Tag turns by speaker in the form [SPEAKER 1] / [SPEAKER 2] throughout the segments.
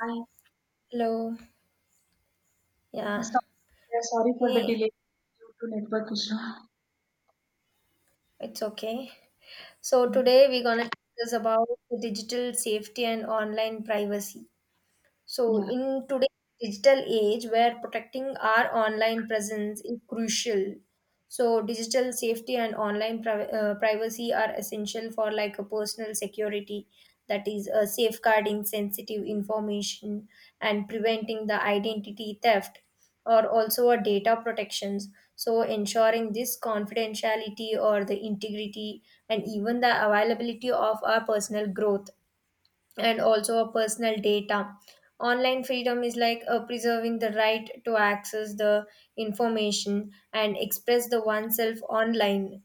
[SPEAKER 1] Hi.
[SPEAKER 2] Hello. Yeah.
[SPEAKER 1] Sorry for the
[SPEAKER 2] Hey,
[SPEAKER 1] delay due to network issue.
[SPEAKER 2] it's okay. So
[SPEAKER 1] Mm.
[SPEAKER 2] today we're gonna discuss about digital safety and online privacy. So
[SPEAKER 1] Yeah.
[SPEAKER 2] in today's digital age where protecting our online presence is crucial, so digital safety and online privacy are essential for like a personal security, that is safeguarding sensitive information and preventing the identity theft, or also a data protections, so ensuring this confidentiality or the integrity and even the availability of our personal growth and also a personal data. Online freedom is like preserving the right to access the information and express the oneself online.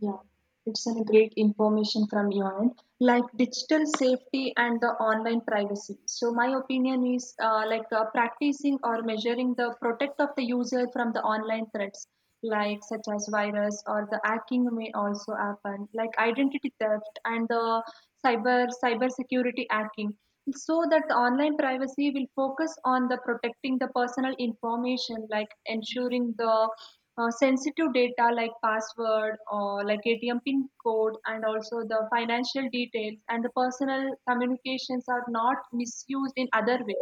[SPEAKER 1] Yeah, it's a great information from your end, like digital safety and the online privacy. So my opinion is like practicing or measuring the protect of the user from the online threats, like such as virus or the hacking may also happen, like identity theft and the cyber security hacking. So that the online privacy will focus on the protecting the personal information, like ensuring the sensitive data like password or like ATM pin code and also the financial details and the personal communications are not misused in other way.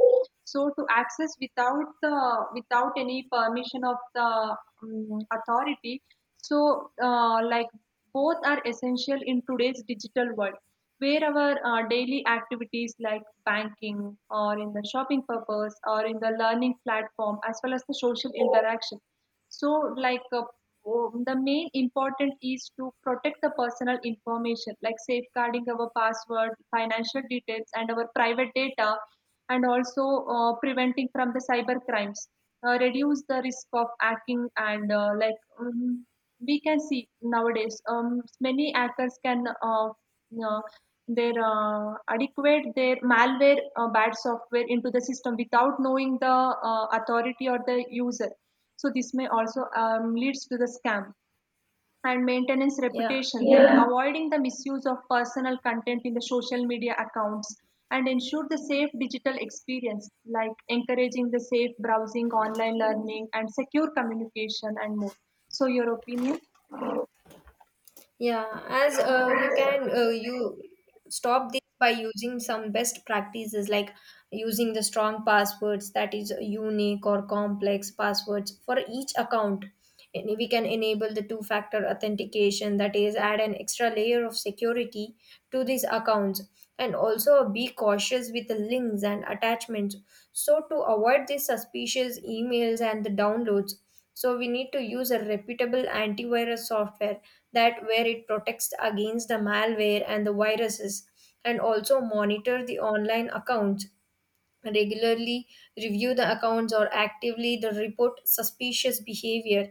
[SPEAKER 1] So to access without any permission of the authority, so like both are essential in today's digital world where our daily activities like banking or in the shopping purpose or in the learning platform as well as the social interaction, so like the main important is to protect the personal information, like safeguarding our password, financial details, and our private data, and also preventing from the cyber crimes, reduce the risk of hacking and like we can see nowadays, many hackers can uh, their adequate their malware, bad software into the system without knowing the authority or the user, so this may also leads to the scam and maintenance
[SPEAKER 2] Yeah.
[SPEAKER 1] reputation. They are avoiding the misuse of personal content in the social media accounts and ensure the safe digital experience like encouraging the safe browsing, online learning, and secure communication and more. So your opinion.
[SPEAKER 2] Yeah, as we can you stop this by using some best practices like using the strong passwords, that is unique or complex passwords for each account. And we can enable the two-factor authentication, that is add an extra layer of security to these accounts, and also be cautious with the links and attachments, so to avoid these suspicious emails and the downloads. So we need to use a reputable antivirus software that where it protects against the malware and the viruses, and also monitor the online accounts regularly, review the accounts or actively the report suspicious behavior.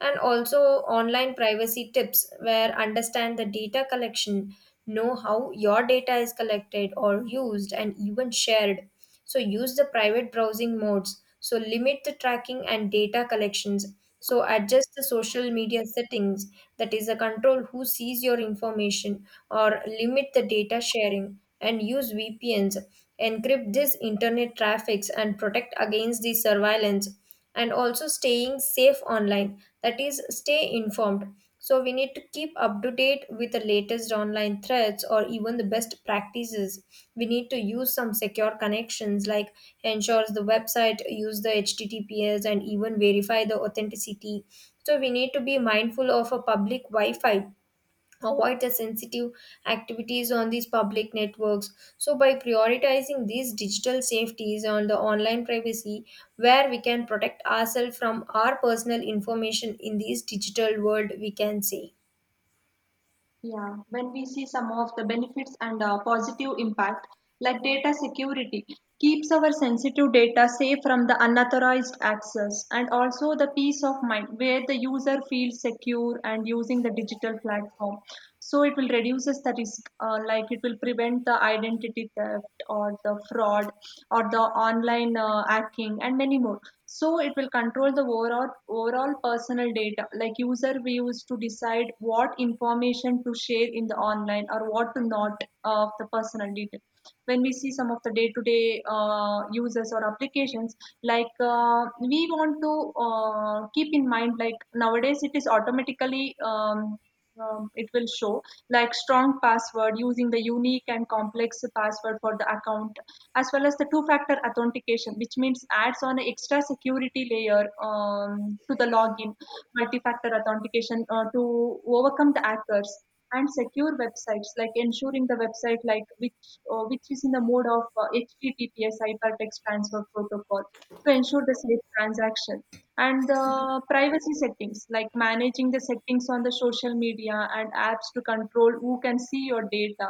[SPEAKER 2] And also online privacy tips where understand the data collection, know how your data is collected or used and even shared. So use the private browsing modes, so limit the tracking and data collections. So adjust the social media settings, that is, the control who sees your information, or limit the data sharing and use VPNs. Encrypt this internet traffics and protect against the surveillance. And also staying safe online, that is stay informed, so we need to keep up to date with the latest online threats or even the best practices. We need to use some secure connections, like ensures the website use the https and even verify the authenticity. So we need to be mindful of a public wi-fi, avoid the sensitive activities on these public networks. So by prioritizing these digital safeties on the online privacy, where we can protect ourselves from our personal information in this digital world, we can say.
[SPEAKER 1] Yeah, when we see some of the benefits and positive impact, like data security, keeps our sensitive data safe from the unauthorized access, and also the peace of mind where the user feels secure and using the digital platform, so it will reduces the risk, like it will prevent the identity theft or the fraud or the online hacking and many more. So it will control the overall personal data, like user we use to decide what information to share in the online or what to not, of the personal detail. When we see some of the day-to-day users or applications, like we want to keep in mind like nowadays it is automatically, it will show like strong password using the unique and complex password for the account, as well as the two factor authentication, which means adds on an extra security layer to the login, multi factor authentication to overcome the hackers, and secure websites like ensuring the website like which is in the mode of https, hypertext transfer protocol, to ensure the safe transaction, and the privacy settings like managing the settings on the social media and apps to control who can see your data,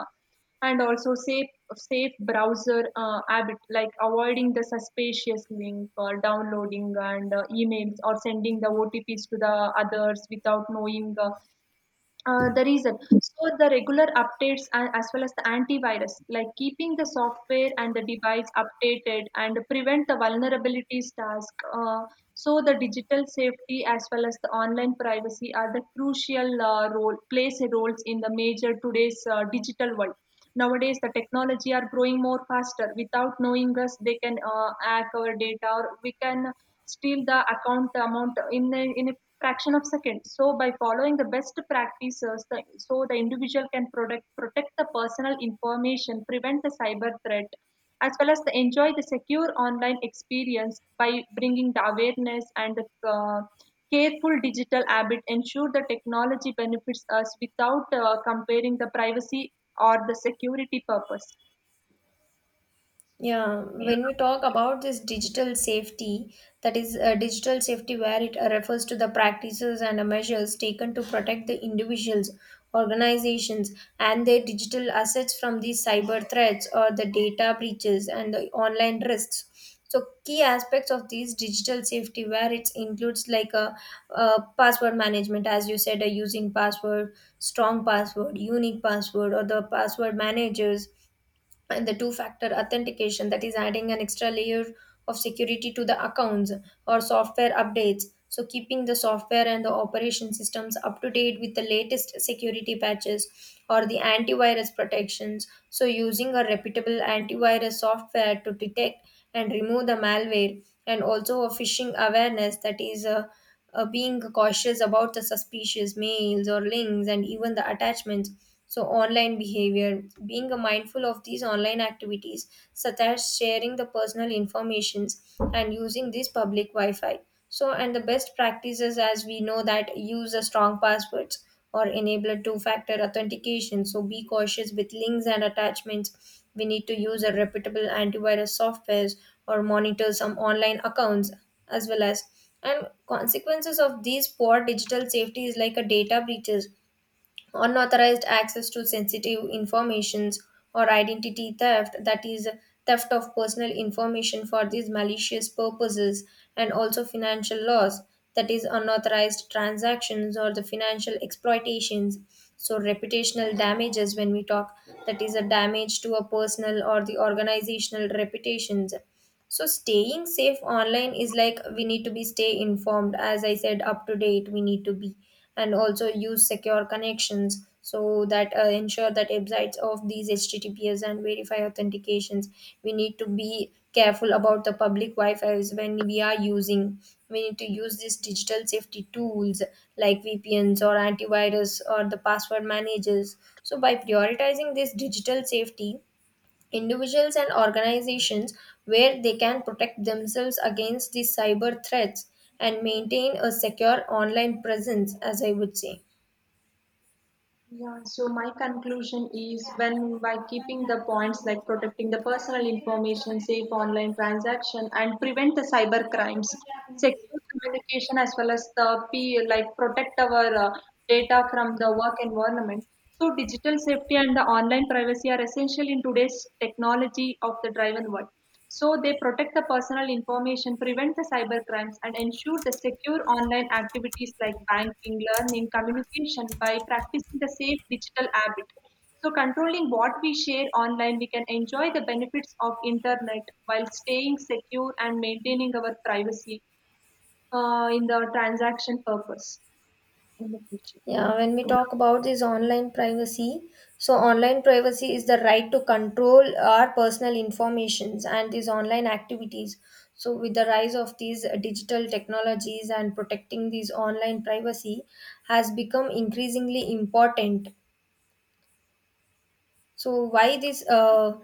[SPEAKER 1] and also safe browser habit, like avoiding the suspicious link or downloading and emails or sending the otps to the others without knowing the reason. So the regular updates and as well as the antivirus, like keeping the software and the device updated and prevent the vulnerabilities task. So the digital safety as well as the online privacy are the crucial role, plays a roles in the major today's digital world. Nowadays, the technology are growing more faster. Without knowing us, they can hack our data, or we can steal the account amount in a fraction of second. So by following the best practices, the, so the individual can protect the personal information, prevent the cyber threat as well as the enjoy the secure online experience by bringing the awareness and the careful digital habit, ensure the technology benefits us without comparing the privacy or the security purpose.
[SPEAKER 2] Yeah, when we talk about this digital safety, that is digital safety, where it refers to the practices and measures taken to protect the individuals, organizations, and their digital assets from these cyber threats or the data breaches and the online risks. So, key aspects of these digital safety, where it includes like a, password management, as you said, a using password, strong password, unique password, or the password managers, and the two factor authentication, that is adding an extra layer of security to the accounts, or software updates, so keeping the software and the operation systems up to date with the latest security patches, or the antivirus protections, so using a reputable antivirus software to detect and remove the malware, and also a phishing awareness, that is being cautious about the suspicious mails or links and even the attachments. So online behavior, being mindful of these online activities such as sharing the personal informations and using this public wi-fi. So, and the best practices, as we know, that use the strong passwords or enable two factor authentication. So be cautious with links and attachments. We need to use a reputable antivirus softwares or monitor some online accounts, as well as, and consequences of these poor digital safety is like a data breaches, unauthorized access to sensitive informations, or identity theft, that is theft of personal information for these malicious purposes, and also financial loss, that is unauthorized transactions or the financial exploitations. So reputational damages, when we talk, that is a damage to a personal or the organizational reputations. So staying safe online is like we need to be stay informed, as I said, up to date. We need to be, and also use secure connections, so that ensure that websites of these HTTPS and verify authentications. We need to be careful about the public Wi-Fi's when we are using. We need to use these digital safety tools like VPNs or antivirus or the password managers. So by prioritizing this digital safety, individuals and organizations, where they can protect themselves against the cyber threats and maintain a secure online presence, as I would say.
[SPEAKER 1] Yeah, so my conclusion is when by keeping the points like protecting the personal information, safe online transaction, and prevent the cyber crimes, secure communication as well as the P, like protect our data from the work environment. So digital safety and the online privacy are essential in today's technology of the driven world. So they protect the personal information, prevent the cyber crimes, and ensure the secure online activities like banking, learning, communication by practicing the safe digital habit. So controlling what we share online, we can enjoy the benefits of internet while staying secure and maintaining our privacy in the transaction purpose in the future.
[SPEAKER 2] Yeah, when we talk about this online privacy, so online privacy is the right to control our personal informations and these online activities. So with the rise of these digital technologies and protecting these online privacy has become increasingly important. So why this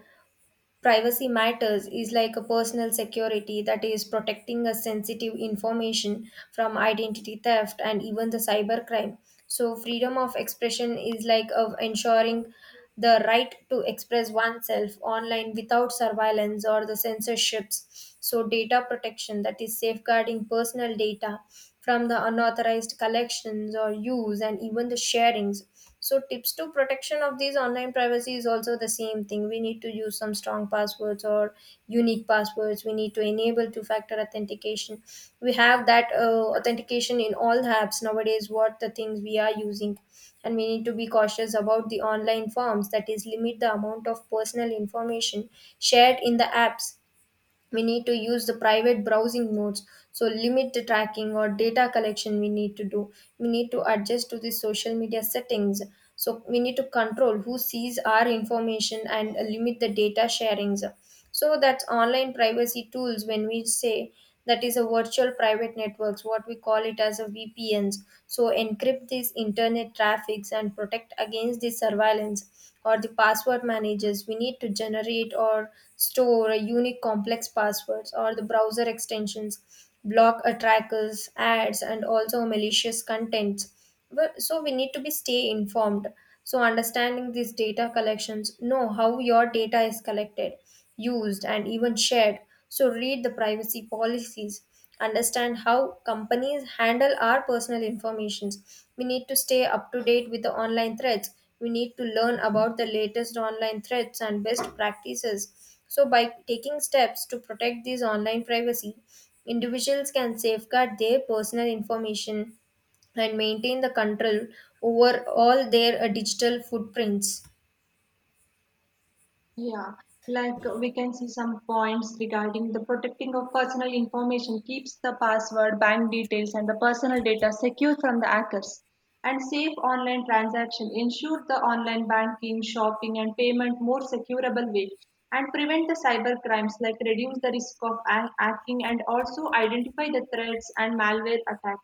[SPEAKER 2] privacy matters is like a personal security, that is protecting a sensitive information from identity theft and even the cybercrime. So freedom of expression is like of ensuring the right to express oneself online without surveillance or the censorships. So data protection, that is safeguarding personal data from the unauthorized collections or use and even the sharings. So tips to protection of these online privacy is also the same thing. We need to use some strong passwords or unique passwords. We need to enable two-factor authentication. We have that authentication in all the apps nowadays. What the things we are using, and we need to be cautious about the online forms. That is, limit the amount of personal information shared in the apps. We need to use the private browsing modes, so limit the tracking or data collection we need to do. We need to adjust to the social media settings, so we need to control who sees our information and limit the data sharings. So that's online privacy tools, when we say, that is a virtual private networks, what we call it as a VPNs. So encrypt these internet traffics and protect against the surveillance, or the password managers. We need to generate or store a unique complex passwords, or the browser extensions, block a trackers, ads, and also malicious contents. Well, so we need to be stay informed. So understanding these data collections, know how your data is collected, used, and even shared. So read the privacy policies. Understand how companies handle our personal informations. We need to stay up to date with the online threats. We need to learn about the latest online threats and best practices. So by taking steps to protect these online privacy, individuals can safeguard their personal information and maintain the control over all their digital footprints.
[SPEAKER 1] Yeah, like we can see some points regarding the protecting of personal information, keeps the password, bank details, and the personal data secure from the hackers. And safe online transaction ensure the online banking, shopping, and payment more securable way, and prevent the cyber crimes like reduce the risk of hacking and also identify the threats and malware attack.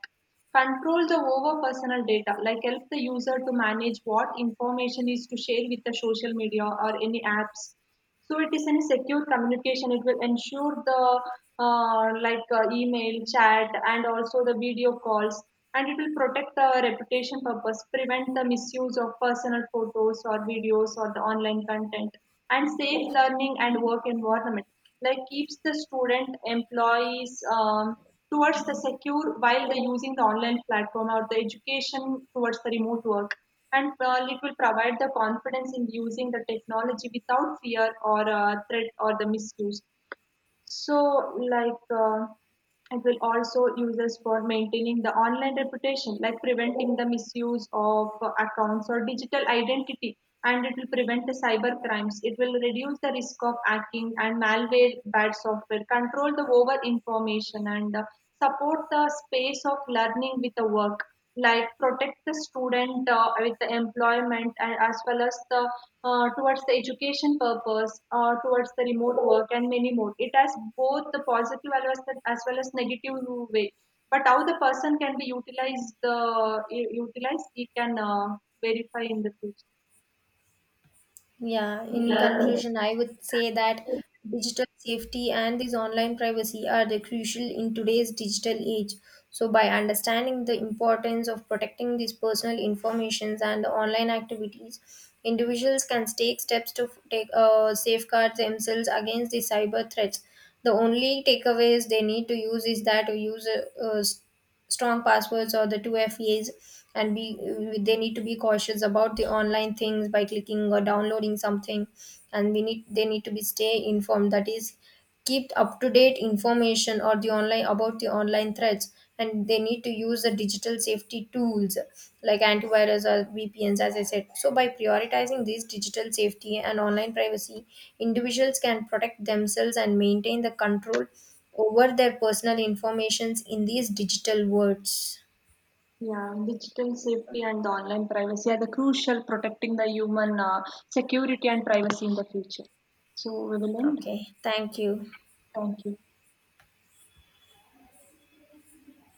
[SPEAKER 1] Control the over personal data, like help the user to manage what information is to share with the social media or any apps. So it is in a secure communication. It will ensure the like email, chat, and also the video calls, and it will protect the reputation purpose, prevent the misuse of personal photos or videos or the online content, and safe learning and work environment. Like keeps the student employees towards the secure while they're using the online platform or the education towards the remote work, and it will provide the confidence in using the technology without fear or threat or the misuse. So, it will also use us for maintaining the online reputation, like preventing the misuse of accounts or digital identity, and it will prevent the cyber crimes. It will reduce the risk of hacking and malware, bad software, control the over information, and support the space of learning with the work. Like protect the student with the employment and as well as the towards the education purpose, towards the remote work, and many more. It has both the positive as well as, the, as well as negative way. But how the person can be utilized, the utilized, it can verify in the future.
[SPEAKER 2] Yeah, in
[SPEAKER 1] Yeah,
[SPEAKER 2] conclusion, I would say that digital safety and this online privacy are the crucial in today's digital age. So by understanding the importance of protecting these personal informations and the online activities, individuals can take steps to f- take safeguard themselves against the cyber threats. The only takeaways they need to use is that to use uh, uh, strong passwords or the 2FAs, and be they need to be cautious about the online things by clicking or downloading something. And we need they need to be stay informed, that is keep up to date information or the online about the online threats, and they need to use the digital safety tools like antivirus or VPNs, as I said. So by prioritizing these digital safety and online privacy, individuals can protect themselves and maintain the control over their personal informations in these digital worlds.
[SPEAKER 1] Yeah, digital safety and the online privacy are the crucial protecting the human security and privacy in the future. So we will end.
[SPEAKER 2] Okay, thank you.
[SPEAKER 1] Thank you.